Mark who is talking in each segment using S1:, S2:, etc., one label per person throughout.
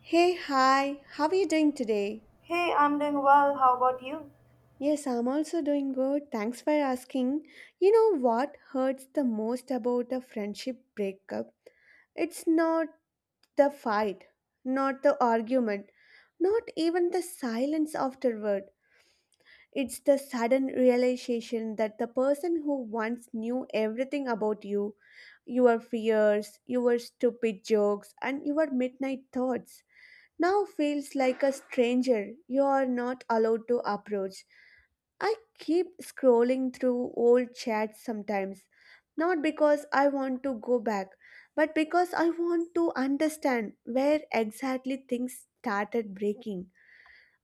S1: Hey, hi, how are you doing today?
S2: Hey, I'm doing well. How about you?
S1: Yes, I'm also doing good. Thanks for asking. You know what hurts the most about a friendship breakup? It's not the fight, not the argument, not even the silence afterward. It's the sudden realization that the person who once knew everything about you, your fears, your stupid jokes, and your midnight thoughts now feels like a stranger you are not allowed to approach. I keep scrolling through old chats sometimes, not because I want to go back, but because I want to understand where exactly things started breaking.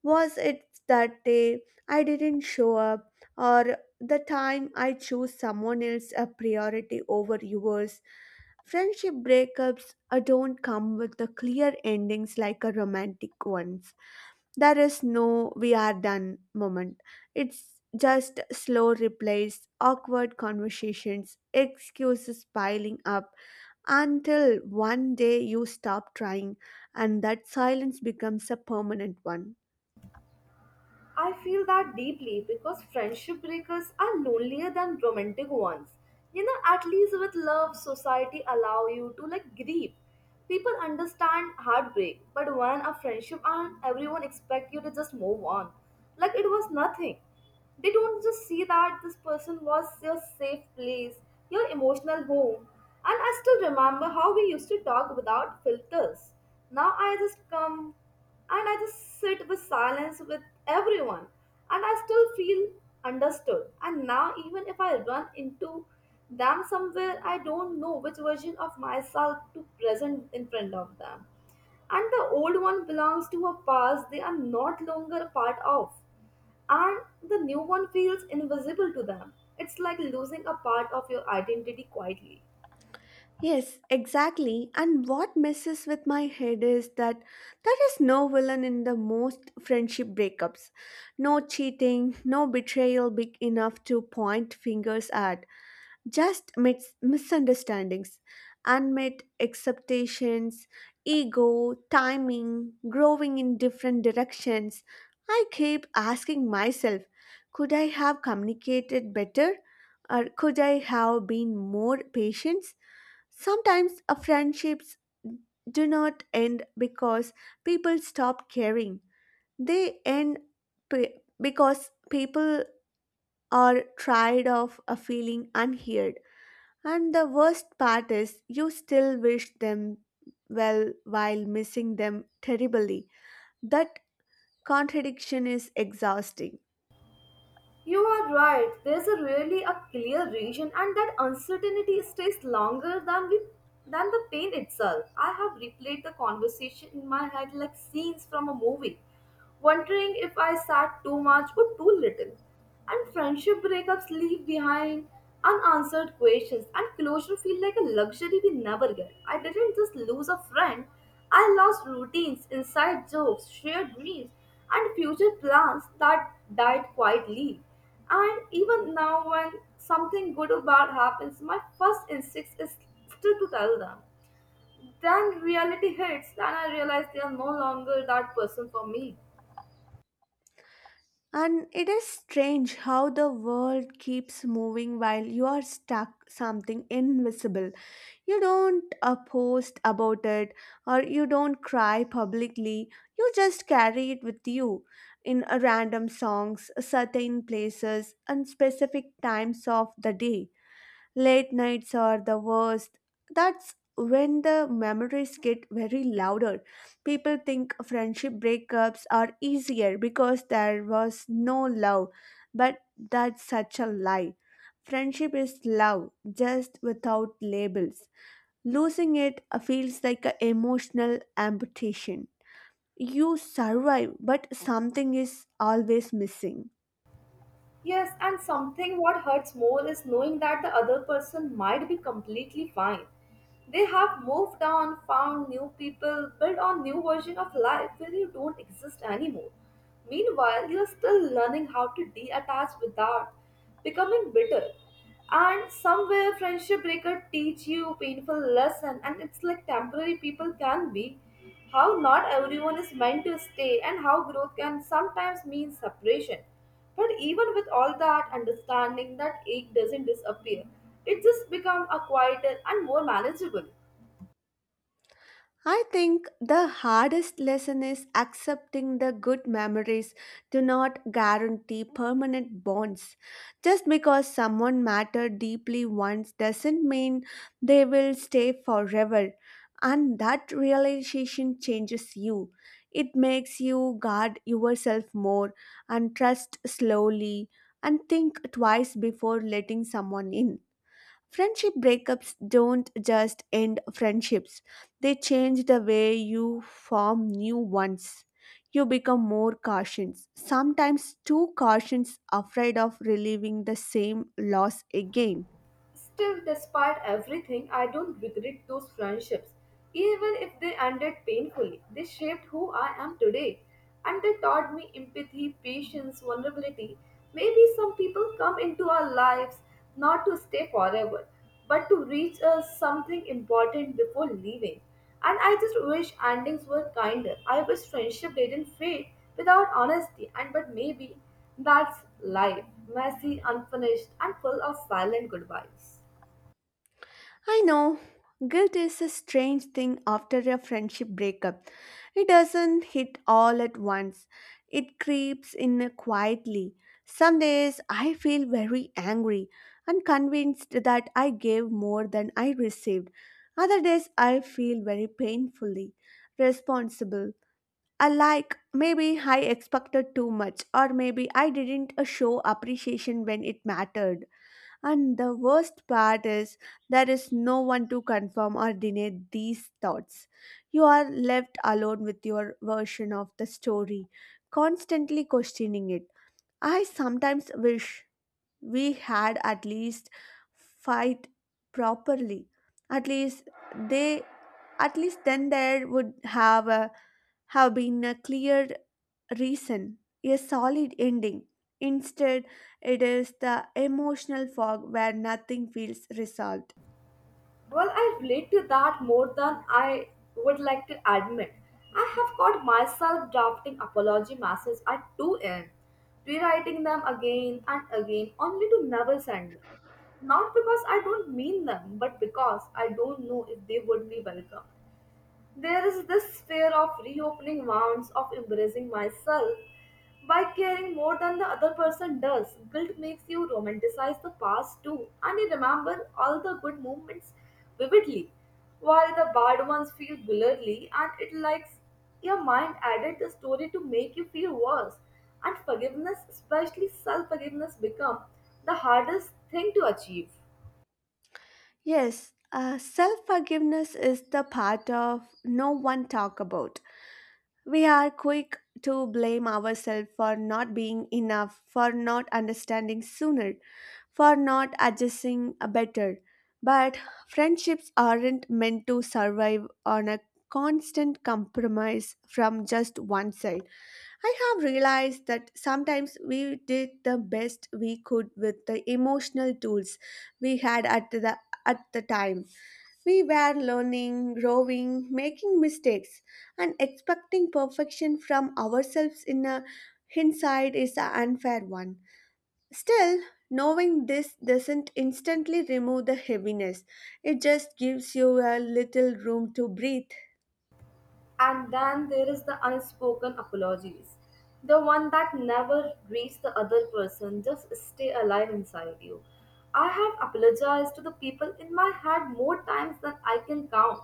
S1: Was it that day I didn't show up, or the time I chose someone else a priority over yours? Friendship breakups don't come with the clear endings like a romantic ones. There is no we are done moment. It's just slow replies, awkward conversations, excuses piling up until one day you stop trying and that silence becomes a permanent one.
S2: I feel that deeply because friendship breakers are lonelier than romantic ones. You know, at least with love, society allow you to like grieve. People understand heartbreak, but when a friendship ends, everyone expect you to just move on, like it was nothing. They don't just see that this person was your safe place, your emotional home. And I still remember how we used to talk without filters. Now I just come and I just sit with silence with everyone, and I still feel understood. And now, even if I run into them somewhere, I don't know which version of myself to present in front of them. And the old one belongs to a past they are not longer a part of, and the new one feels invisible to them. It's like losing a part of your identity quietly.
S1: Yes, exactly. And what messes with my head is that there is no villain in the most friendship breakups. No cheating, no betrayal big enough to point fingers at. Just misunderstandings, unmet expectations, ego, timing, growing in different directions. I keep asking myself, could I have communicated better? Or could I have been more patient? Sometimes friendships do not end because people stop caring. They end p- because people are tired of feeling unheard. And the worst part is you still wish them well while missing them terribly. That contradiction is exhausting.
S2: You are right. There's a really a clear reason, and that uncertainty stays longer than we than the pain itself. I have replayed the conversation in my head like scenes from a movie wondering if I sat too much or too little. And friendship breakups leave behind unanswered questions, and closure feel like a luxury we never get. I didn't just lose a friend, I lost routines, inside jokes, shared dreams, and future plans that died quietly. And even now, when something good or bad happens, my first instinct is still to tell them. Then reality hits, then I realize they are no longer that person for me.
S1: And it is strange how the world keeps moving while you are stuck something invisible. You don't post about it or you don't cry publicly. You just carry it with you in random songs, certain places, and specific times of the day. Late nights are the worst. That's when the memories get very louder. People think friendship breakups are easier because there was no love, but that's such a lie. Friendship is love, just without labels. Losing it feels like an emotional amputation. You survive, but something is always missing.
S2: Yes, and something what hurts more is knowing that the other person might be completely fine. They have moved on, found new people, built on new version of life where you don't exist anymore. Meanwhile, you're still learning how to detach without becoming bitter. And somewhere friendship breaker teach you painful lesson and it's like temporary people can be. How not everyone is meant to stay and how growth can sometimes mean separation. But even with all that understanding, that ache doesn't disappear. It just becomes a quieter and more manageable.
S1: I think the hardest lesson is accepting the good memories do not guarantee permanent bonds. Just because someone mattered deeply once doesn't mean they will stay forever. And that realization changes you. It makes you guard yourself more and trust slowly and think twice before letting someone in. Friendship breakups don't just end friendships, they change the way you form new ones. You become more cautious, sometimes too cautious, afraid of reliving the same loss again.
S2: Still, despite everything, I don't regret those friendships. Even if they ended painfully, they shaped who I am today. And they taught me empathy, patience, vulnerability. Maybe some people come into our lives not to stay forever, but to reach us something important before leaving. And I just wish endings were kinder. I wish friendship didn't fade without honesty, and but maybe that's life, messy, unfinished, and full of silent goodbyes.
S1: I know. Guilt is a strange thing after a friendship breakup. It doesn't hit all at once, it creeps in quietly. Some days I feel very angry and convinced that I gave more than I received. Other days I feel very painfully responsible. I like maybe I expected too much, or maybe I didn't show appreciation when it mattered. And the worst part is, there is no one to confirm or deny these thoughts. You are left alone with your version of the story, constantly questioning it. I sometimes wish we had at least fight properly. At least they, at least then there would have been a clear reason, a solid ending. Instead, it is the emotional fog where nothing feels resolved.
S2: Well, I relate to that more than I would like to admit. I have caught myself drafting apology messages at 2 a.m., rewriting them again and again only to never send them. Not because I don't mean them, but because I don't know if they would be welcome. There is this fear of reopening wounds, of embracing myself by caring more than the other person does. Guilt makes you romanticize the past too, and you remember all the good moments vividly, while the bad ones feel blurry and it likes your mind added the story to make you feel worse. And forgiveness, especially self forgiveness, become the hardest thing to achieve.
S1: Yes, self forgiveness is the part of no one talk about. We are quick to blame ourselves for not being enough, for not understanding sooner, for not adjusting better. But friendships aren't meant to survive on a constant compromise from just one side. I have realized that sometimes we did the best we could with the emotional tools we had at the time. We were learning, growing, making mistakes, and expecting perfection from ourselves in a hindsight is an unfair one. Still, knowing this doesn't instantly remove the heaviness. It just gives you a little room to breathe.
S2: And then there is the unspoken apologies. The one that never reach the other person, just stay alive inside you. I have apologized to the people in my head more times than I can count.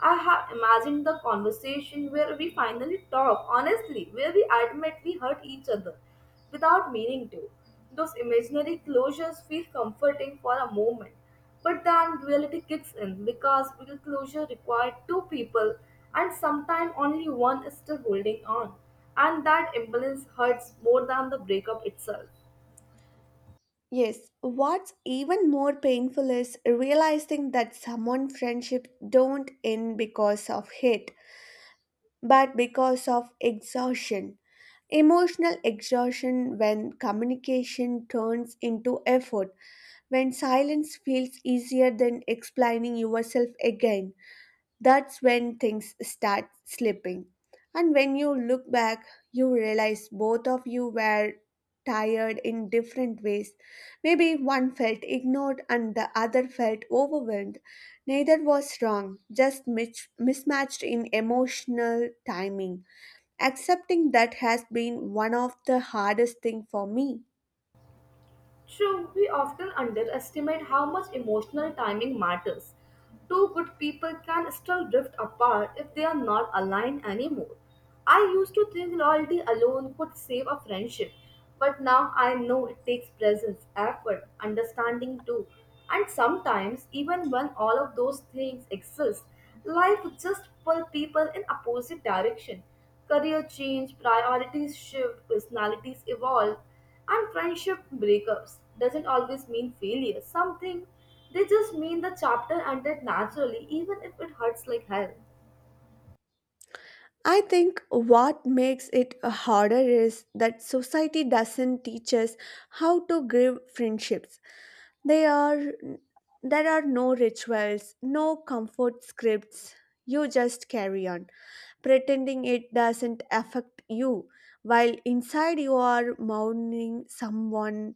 S2: I have imagined the conversation where we finally talk honestly, where we admit we hurt each other without meaning to. Those imaginary closures feel comforting for a moment but then reality kicks in because real closure required two people and sometimes only one is still holding on. And that imbalance hurts more than the breakup itself.
S1: Yes, what's even more painful is realizing that someone friendships don't end because of hate, but because of exhaustion. Emotional exhaustion when communication turns into effort, when silence feels easier than explaining yourself again. That's when things start slipping. And when you look back, you realize both of you were tired in different ways. Maybe one felt ignored and the other felt overwhelmed. Neither was wrong, just mismatched in emotional timing. Accepting that has been one of the hardest thing for me.
S2: True, we often underestimate how much emotional timing matters. Two good people can still drift apart if they are not aligned anymore. I used to think loyalty alone could save a friendship, but now I know it takes presence, effort, understanding too. And sometimes, even when all of those things exist, life just pulls people in opposite direction. Career change, priorities shift, personalities evolve and friendship breakups doesn't always mean failure. Something they just mean the chapter ended naturally, even if it hurts like hell.
S1: I think what makes it harder is that society doesn't teach us how to grieve friendships. They are There are no rituals, no comfort scripts. You just carry on, pretending it doesn't affect you, while inside you are mourning someone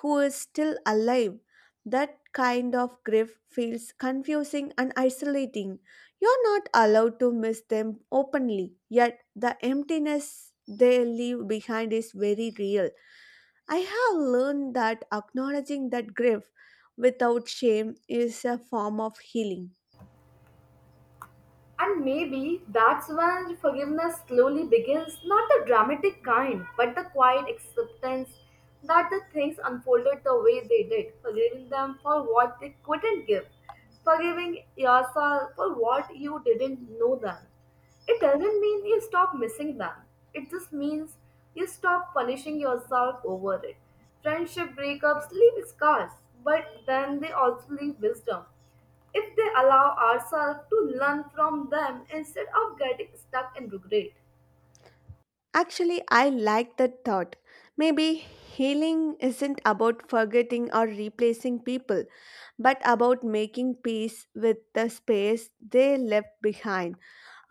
S1: who is still alive. That kind of grief feels confusing and isolating. You're not allowed to miss them openly, yet the emptiness they leave behind is very real. I have learned that acknowledging that grief without shame is a form of healing.
S2: And maybe that's when forgiveness slowly begins, not the dramatic kind, but the quiet acceptance that the things unfolded the way they did, forgiving them for what they couldn't give, forgiving yourself for what you didn't know them. It doesn't mean you stop missing them, it just means you stop punishing yourself over it. Friendship breakups leave scars, but then they also leave wisdom if they allow ourselves to learn from them instead of getting stuck in regret.
S1: Actually, I like that thought. Maybe healing isn't about forgetting or replacing people, but about making peace with the space they left behind,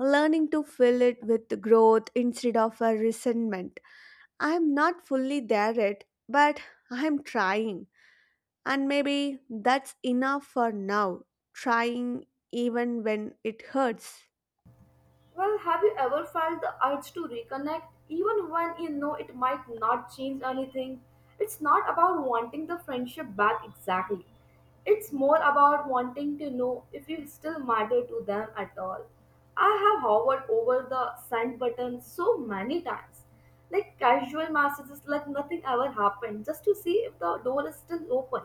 S1: learning to fill it with growth instead of a resentment. I'm not fully there yet, but I'm trying. And maybe that's enough for now, trying even when it hurts.
S2: Well, have you ever felt the urge to reconnect even when you know it might not change anything? It's not about wanting the friendship back exactly. It's more about wanting to know if you still matter to them at all. I have hovered over the send button so many times. Like casual messages, like nothing ever happened, just to see if the door is still open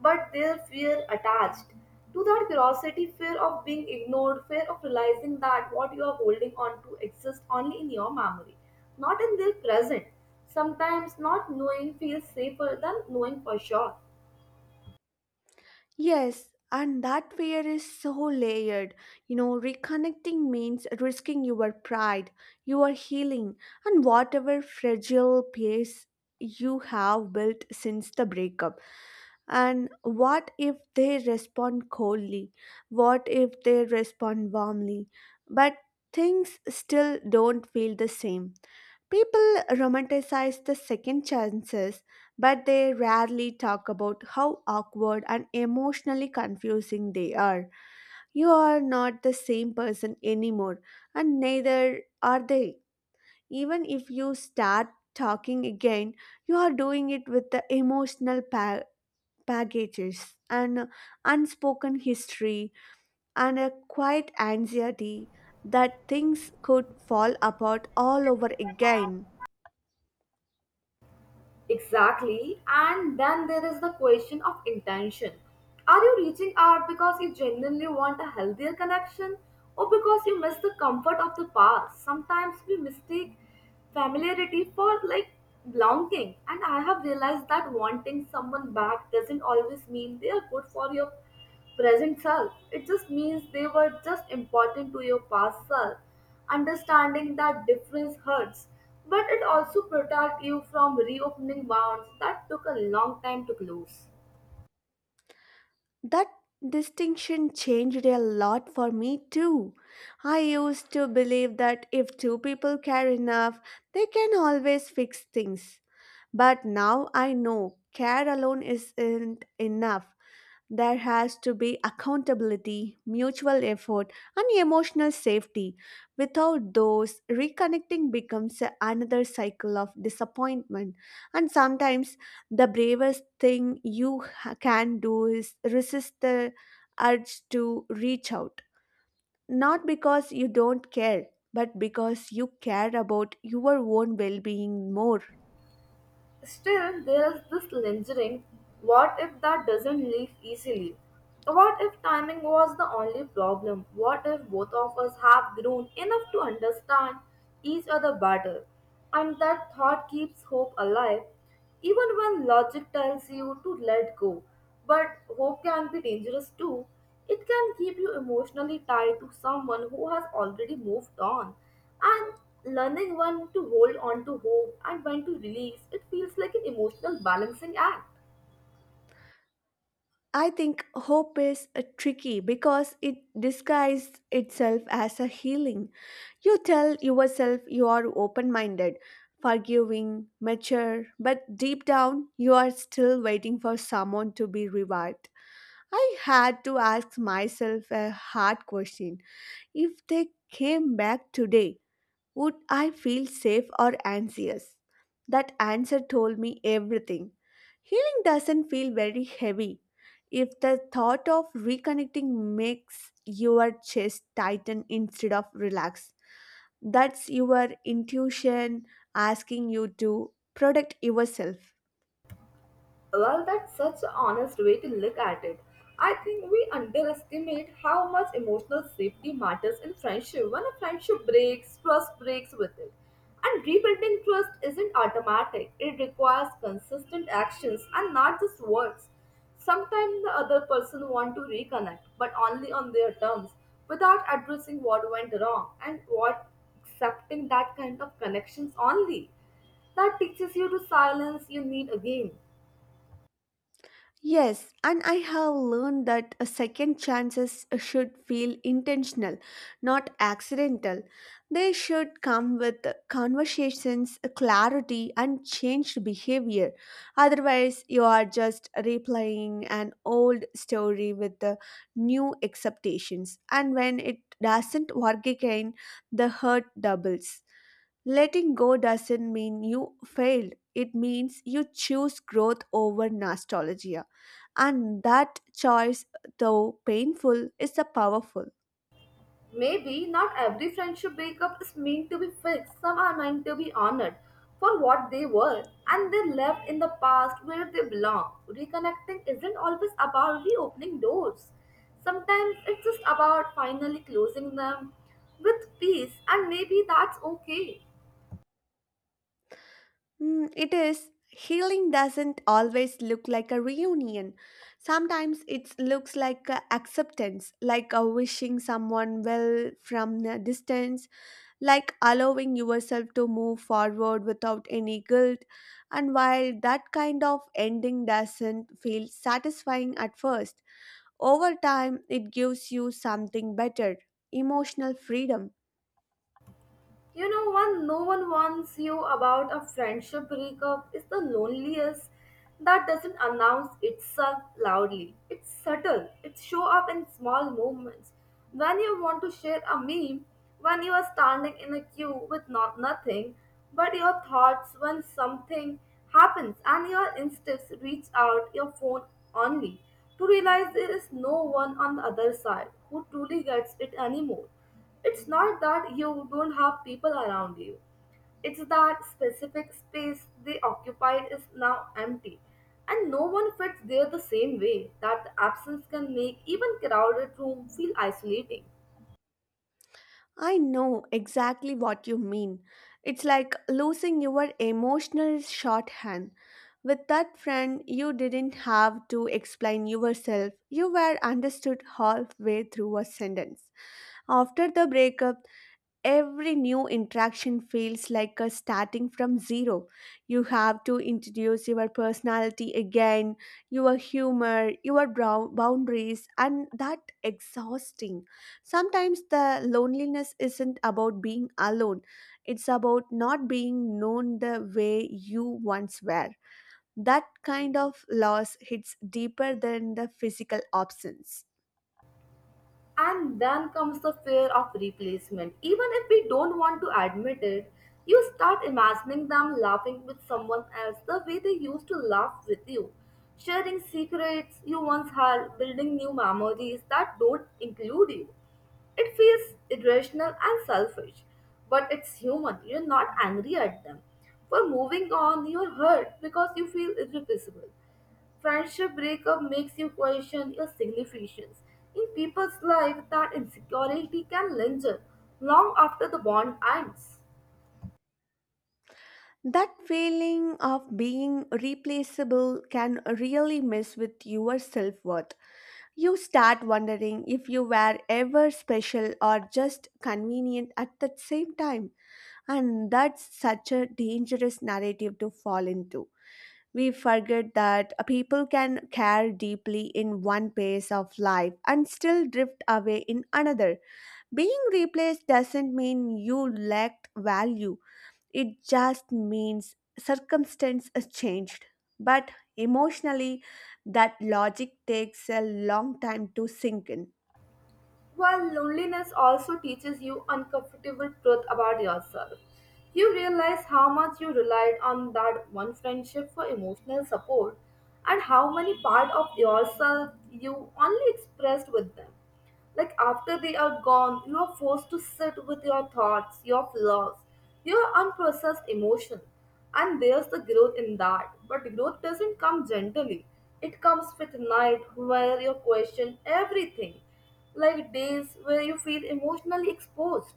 S2: but their fear attached to that curiosity fear of being ignored fear of realizing that what you are holding on to exists only in your memory not in their present sometimes not knowing feels safer than knowing for sure.
S1: Yes, and that fear is so layered. You know, reconnecting means risking your pride, your healing, and whatever fragile peace you have built since the breakup. And what if they respond coldly? What if they respond warmly? But things still don't feel the same. People romanticize the second chances but they rarely talk about how awkward and emotionally confusing they are. You are not the same person anymore, and neither are they. Even if you start talking again, you are doing it with the emotional packages and unspoken history and a quiet anxiety that things could fall apart all over again.
S2: Exactly. And then there is the question of intention. Are you reaching out because you genuinely want a healthier connection or because you miss the comfort of the past? Sometimes we mistake familiarity for like belonging. And I have realized that wanting someone back doesn't always mean they are good for you present self. It just means they were just important to your past self. Understanding that difference hurts, but it also protects you from reopening wounds that took a long time to close.
S1: That distinction changed a lot for me too. I used to believe that if two people care enough, they can always fix things. But now I know care alone isn't enough. There has to be accountability, mutual effort, and emotional safety. Without those, reconnecting becomes another cycle of disappointment. And sometimes the bravest thing you can do is resist the urge to reach out. Not because you don't care, but because you care about your own well being more.
S2: Still, there is this lingering what if that doesn't leave easily? What if timing was the only problem? What if both of us have grown enough to understand each other better? And that thought keeps hope alive even when logic tells you to let go, but hope can be dangerous too. It can keep you emotionally tied to someone who has already moved on. And learning when to hold on to hope and when to release, it feels like an emotional balancing act.
S1: I think hope is tricky because it disguises itself as a healing. You tell yourself you are open minded, forgiving, mature, but deep down you are still waiting for someone to be revived. I had to ask myself a hard question. If they came back today, would I feel safe or anxious? That answer told me everything. Healing doesn't feel very heavy. If the thought of reconnecting makes your chest tighten instead of relax, that's your intuition asking you to protect yourself.
S2: Well, that's such an honest way to look at it. I think we underestimate how much emotional safety matters in friendship. When a friendship breaks, trust breaks with it. And rebuilding trust isn't automatic, it requires consistent actions and not just words. Sometimes the other person wants to reconnect, but only on their terms, without addressing what went wrong and what accepting that kind of connections only. That teaches you to silence you need again.
S1: Yes, and I have learned that a second chances should feel intentional, not accidental. They should come with conversations, clarity, and changed behavior. Otherwise, you are just replaying an old story with the new expectations. And when it doesn't work again, the hurt doubles. Letting go doesn't mean you failed. It means you choose growth over nostalgia. And that choice, though painful, is a powerful.
S2: Maybe not every friendship breakup is meant to be fixed. Some are meant to be honored for what they were and they left in the past where they belong. Reconnecting isn't always about reopening doors. Sometimes it's just about finally closing them with peace and maybe that's okay.
S1: Mm, it is. Healing doesn't always look like a reunion. Sometimes it looks like a acceptance, like a wishing someone well from a distance like allowing yourself to move forward without any guilt. And while that kind of ending doesn't feel satisfying at first, over time it gives you something better emotional freedom.
S2: You know, when no one warns you about a friendship breakup is the loneliest that doesn't announce itself loudly. It's subtle. It show up in small moments. When you want to share a meme, when you are standing in a queue with not nothing, but your thoughts when something happens and your instincts reach out your phone only to realize there is no one on the other side who truly gets it anymore. It's not that you don't have people around you. It's that specific space they occupied is now empty, and no one fits there the same way that the absence can make even crowded room feel isolating.
S1: I know exactly what you mean. It's like losing your emotional shorthand. With that friend, you didn't have to explain yourself. You were understood halfway through a sentence. After the breakup, every new interaction feels like a starting from zero. You have to introduce your personality again, your humor, your boundaries, and that exhausting. Sometimes the loneliness isn't about being alone, it's about not being known the way you once were. That kind of loss hits deeper than the physical absence.
S2: And then comes the fear of replacement. Even if we don't want to admit it, you start imagining them laughing with someone else the way they used to laugh with you, sharing secrets you once had, building new memories that don't include you. It feels irrational and selfish, but it's human. You're not angry at them. For moving on, you're hurt because you feel irreplaceable. Friendship breakup makes you question your significance. In people's life, that insecurity can linger long after the bond ends.
S1: That feeling of being replaceable can really mess with your self worth. You start wondering if you were ever special or just convenient at the same time, and that's such a dangerous narrative to fall into. We forget that people can care deeply in one phase of life and still drift away in another. Being replaced doesn't mean you lacked value it just means circumstance has changed. But emotionally, that logic takes a long time to sink in.
S2: While loneliness also teaches you uncomfortable truth about yourself. You realize how much you relied on that one friendship for emotional support and how many part of yourself you only expressed with them. Like after they are gone, you are forced to sit with your thoughts, your flaws, your unprocessed emotion. And there's the growth in that. But growth doesn't come gently. It comes with night where you question everything like days where you feel emotionally exposed.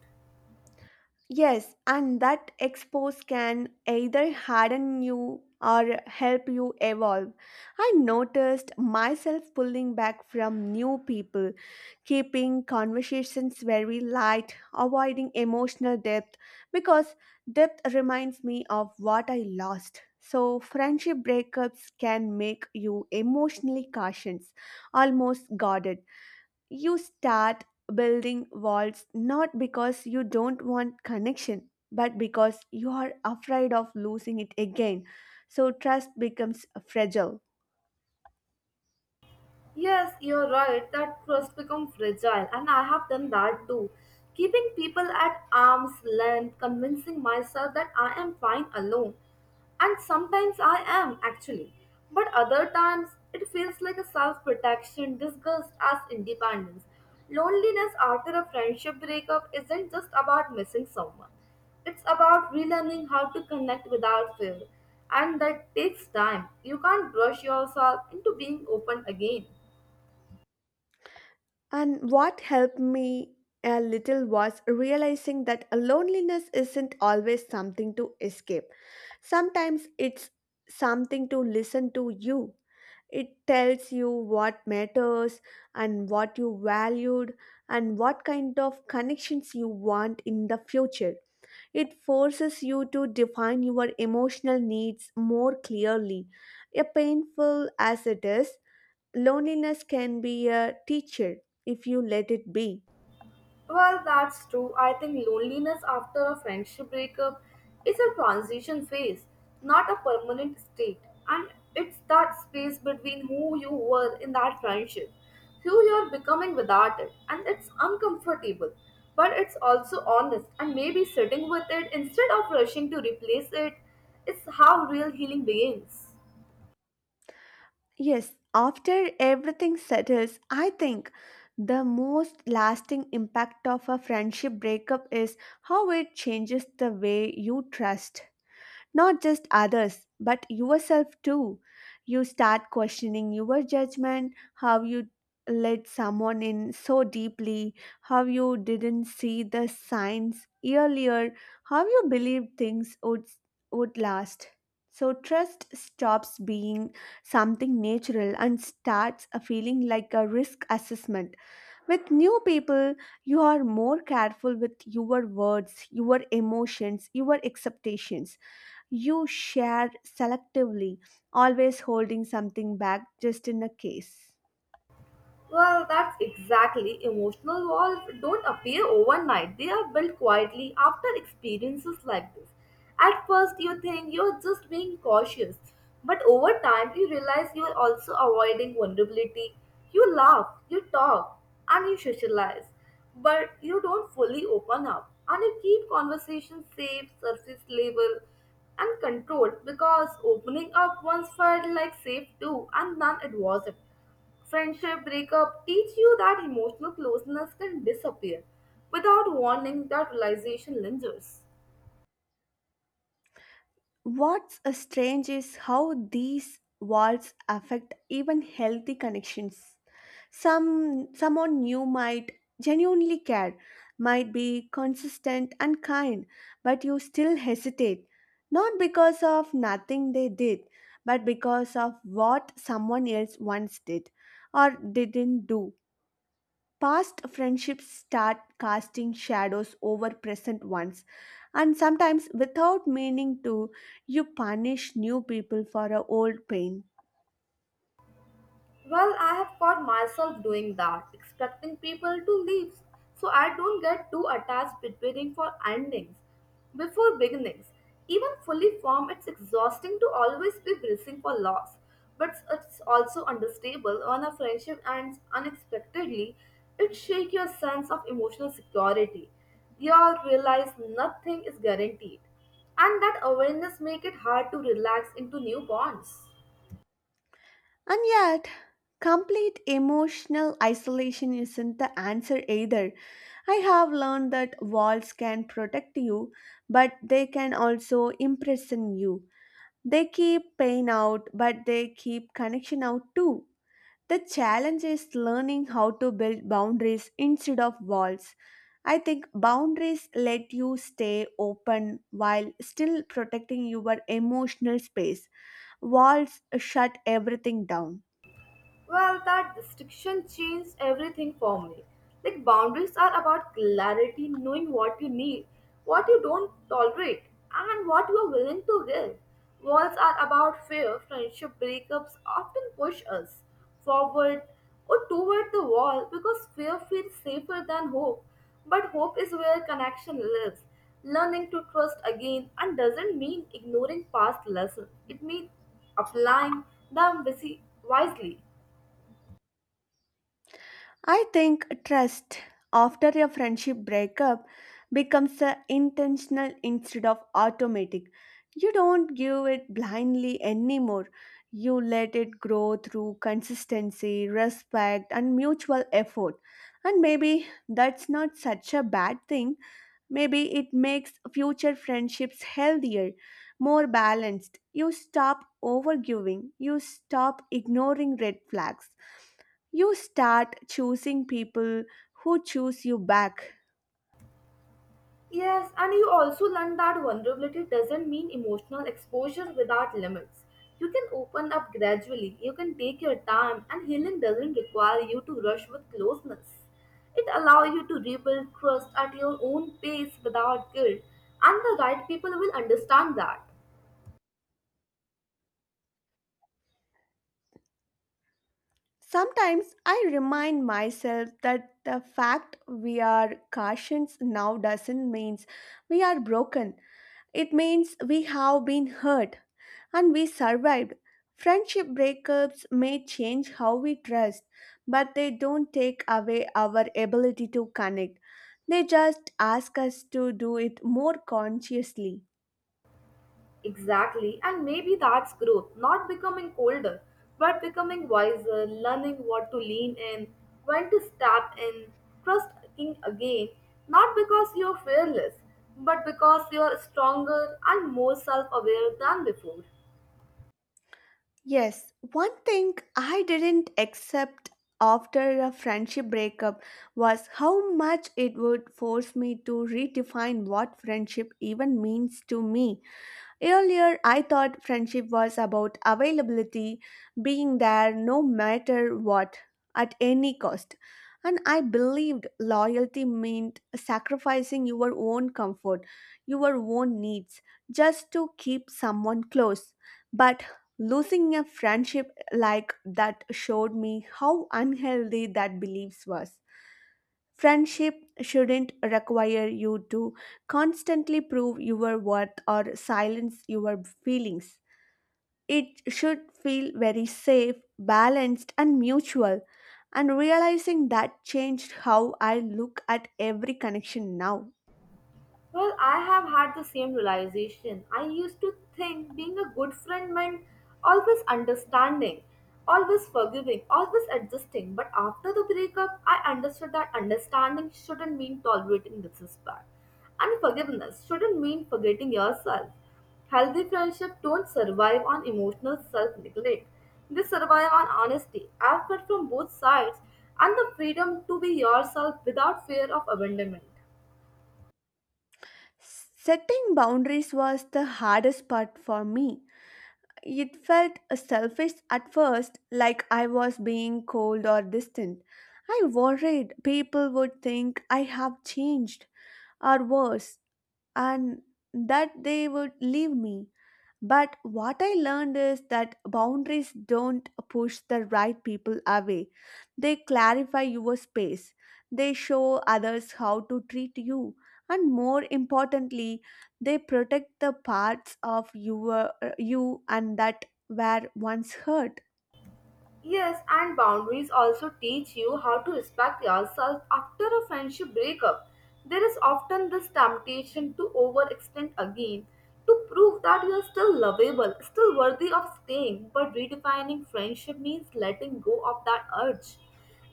S1: Yes, and that expose can either harden you or help you evolve. I noticed myself pulling back from new people, keeping conversations very light, avoiding emotional depth because depth reminds me of what I lost. So, friendship breakups can make you emotionally cautious, almost guarded. You start building walls not because you don't want connection, but because you are afraid of losing it again. So trust becomes fragile.
S2: Yes, you're right. That trust becomes fragile, and I have done that too. Keeping people at arm's length, convincing myself that I am fine alone. And sometimes I am, actually. But other times, it feels like a self protection disguised as independence. Loneliness after a friendship breakup isn't just about missing someone, it's about relearning how to connect without fear. And that takes time. You can't brush yourself into being open again.
S1: And what helped me a little was realizing that loneliness isn't always something to escape, sometimes it's something to listen to you. It tells you what matters and what you valued and what kind of connections you want in the future. It forces you to define your emotional needs more clearly. A painful as it is, loneliness can be a teacher if you let it be.
S2: Well, that's true. I think loneliness after a friendship breakup is a transition phase, not a permanent state. And it's that space between who you were in that friendship, who you're becoming without it. And it's uncomfortable, but it's also honest. And maybe sitting with it instead of rushing to replace it is how real healing begins.
S1: Yes, after everything settles, I think the most lasting impact of a friendship breakup is how it changes the way you trust. Not just others, but yourself too. You start questioning your judgment, how you let someone in so deeply, how you didn't see the signs earlier, how you believed things would last. So, trust stops being something natural and starts a feeling like a risk assessment. With new people, you are more careful with your words, your emotions, your expectations. You share selectively, always holding something back just in a case.
S2: Well, that's exactly. Emotional walls don't appear overnight, they are built quietly after experiences like this. At first, you think you're just being cautious, but over time, you realize you're also avoiding vulnerability. You laugh, you talk, and you socialize, but you don't fully open up, and you keep conversations safe, surface level, and controlled because opening up once felt like safe too, and then it wasn't. Friendship breakup teach you that emotional closeness can disappear. Without warning, that realization lingers.
S1: What's a strange is how these walls affect even healthy connections. Someone new might genuinely care, might be consistent and kind, but you still hesitate. Not because of nothing they did, but because of what someone else once did or didn't do. Past friendships start casting shadows over present ones, and sometimes without meaning to, you punish new people for a old pain.
S2: Well, I have caught myself doing that, expecting people to leave, so I don't get too attached preparing for endings before beginnings. Even fully formed, it's exhausting to always be bracing for loss, but it's also understandable when a friendship ends unexpectedly. It shakes your sense of emotional security. You all realize nothing is guaranteed, and that awareness makes it hard to relax into new bonds.
S1: And yet, complete emotional isolation isn't the answer either. I have learned that walls can protect you, but they can also imprison you. They keep pain out, but they keep connection out too. The challenge is learning how to build boundaries instead of walls. I think boundaries let you stay open while still protecting your emotional space. Walls shut everything down.
S2: Well, that distinction changed everything for me. Like, boundaries are about clarity, knowing what you need, what you don't tolerate, and what you are willing to give. Walls are about fear. Friendship breakups often push us forward or toward the wall because fear feels safer than hope. But hope is where connection lives. Learning to trust again and doesn't mean ignoring past lessons, it means applying them wisely.
S1: I think trust after a friendship breakup becomes a intentional instead of automatic. You don't give it blindly anymore. You let it grow through consistency, respect, and mutual effort. And maybe that's not such a bad thing. Maybe it makes future friendships healthier, more balanced. You stop overgiving, you stop ignoring red flags, you start choosing people who choose you back.
S2: Yes, and you also learn that vulnerability doesn't mean emotional exposure without limits. You can open up gradually, you can take your time, and healing doesn't require you to rush with closeness. It allows you to rebuild trust at your own pace without guilt, and the right people will understand that.
S1: Sometimes I remind myself that the fact we are cautions now doesn't mean we are broken. It means we have been hurt and we survived. Friendship breakups may change how we trust, but they don't take away our ability to connect. They just ask us to do it more consciously.
S2: Exactly, and maybe that's growth, not becoming colder, but becoming wiser, learning what to lean in, when to step in, trusting again, not because you're fearless, but because you're stronger and more self aware than before.
S1: Yes, one thing I didn't accept after a friendship breakup was how much it would force me to redefine what friendship even means to me. Earlier, I thought friendship was about availability, being there no matter what, at any cost. And I believed loyalty meant sacrificing your own comfort, your own needs, just to keep someone close. But losing a friendship like that showed me how unhealthy that belief was. Friendship shouldn't require you to constantly prove your worth or silence your feelings. It should feel very safe, balanced, and mutual. And realizing that changed how I look at every connection now.
S2: Well, I have had the same realization. I used to think being a good friend meant always understanding, always forgiving, always adjusting. But after the breakup, I understood that understanding shouldn't mean tolerating disrespect. And forgiveness shouldn't mean forgetting yourself. Healthy friendships don't survive on emotional self neglect, they survive on honesty, effort from both sides, and the freedom to be yourself without fear of abandonment.
S1: Setting boundaries was the hardest part for me. It felt selfish at first, like I was being cold or distant. I worried people would think I have changed or worse, and that they would leave me. But what I learned is that boundaries don't push the right people away. They clarify your space. They show others how to treat you. And more importantly, they protect the parts of your, you and that were once hurt.
S2: Yes, and boundaries also teach you how to respect yourself after a friendship breakup. There is often this temptation to overextend again, to prove that you are still lovable, still worthy of staying. But redefining friendship means letting go of that urge.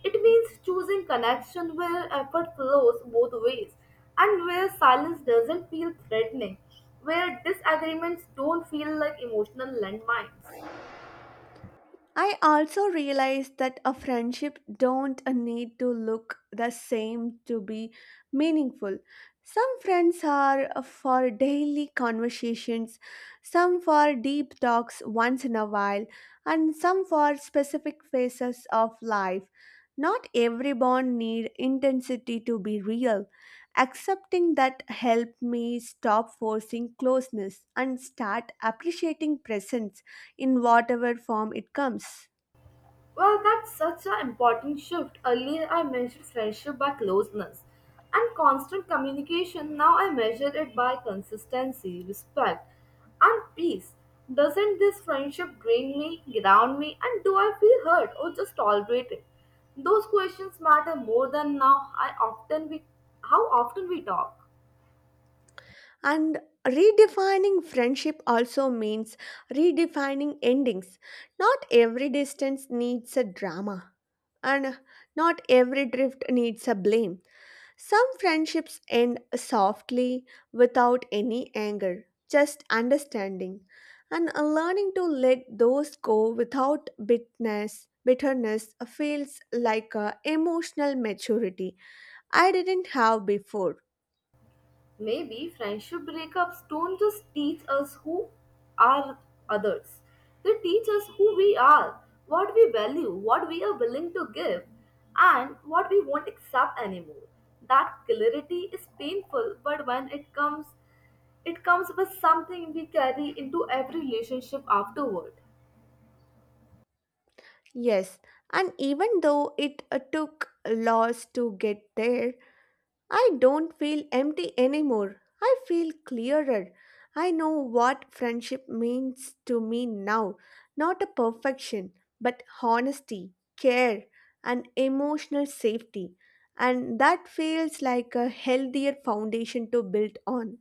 S2: It means choosing connection where effort flows both ways and where silence doesn't feel threatening, where disagreements don't feel like emotional landmines.
S1: I also realized that a friendship don't need to look the same to be meaningful. Some friends are for daily conversations, some for deep talks once in a while, and some for specific phases of life. Not every bond need intensity to be real. Accepting that helped me stop forcing closeness and start appreciating presence in whatever form it comes.
S2: Well, that's such an important shift. Earlier, I measured friendship by closeness and constant communication. Now, I measure it by consistency, respect, and peace. Doesn't this friendship drain me, ground me, and do I feel hurt or just tolerate it? Those questions matter more than now. How often we talk.
S1: And redefining friendship also means redefining endings. Not every distance needs a drama, and not every drift needs a blame. Some friendships end softly without any anger, just understanding. And learning to let those go without bitterness feels like a emotional maturity I didn't have before.
S2: Maybe friendship breakups don't just teach us who are others. They teach us who we are, what we value, what we are willing to give, and what we won't accept anymore. That clarity is painful, but when it comes with something we carry into every relationship afterward.
S1: Yes, and even though it took loss to get there, I don't feel empty anymore. I feel clearer. I know what friendship means to me now. Not a perfection, but honesty, care, and emotional safety. And that feels like a healthier foundation to build on.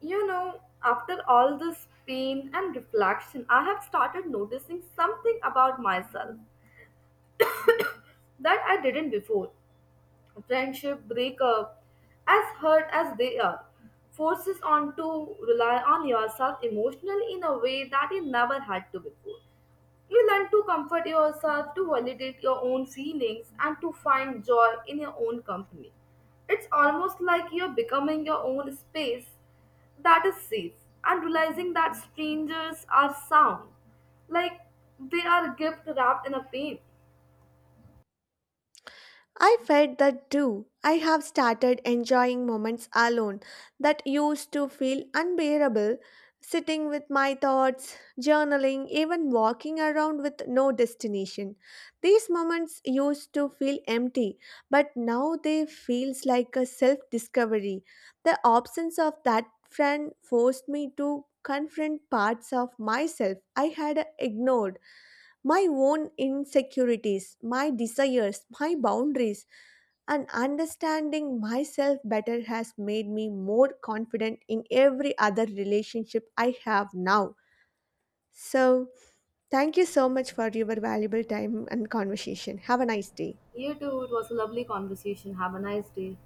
S2: You know, after all this pain and reflection, I have started noticing something about myself that I didn't before. Friendship breakup, as hurt as they are, forces on to rely on yourself emotionally in a way that you never had to before. You learn to comfort yourself, to validate your own feelings, and to find joy in your own company. It's almost like you're becoming your own space that is safe and realizing that strangers are sound, like they are a gift wrapped in a pain.
S1: I felt that too. I have started enjoying moments alone that used to feel unbearable, sitting with my thoughts, journaling, even walking around with no destination. These moments used to feel empty, but now they feels like a self-discovery. The absence of that friend forced me to confront parts of myself I had ignored, my own insecurities, my desires, my boundaries, and understanding myself better has made me more confident in every other relationship I have now. So, thank you so much for your valuable time and conversation. Have a nice day.
S2: You too, it was a lovely conversation. Have a nice day.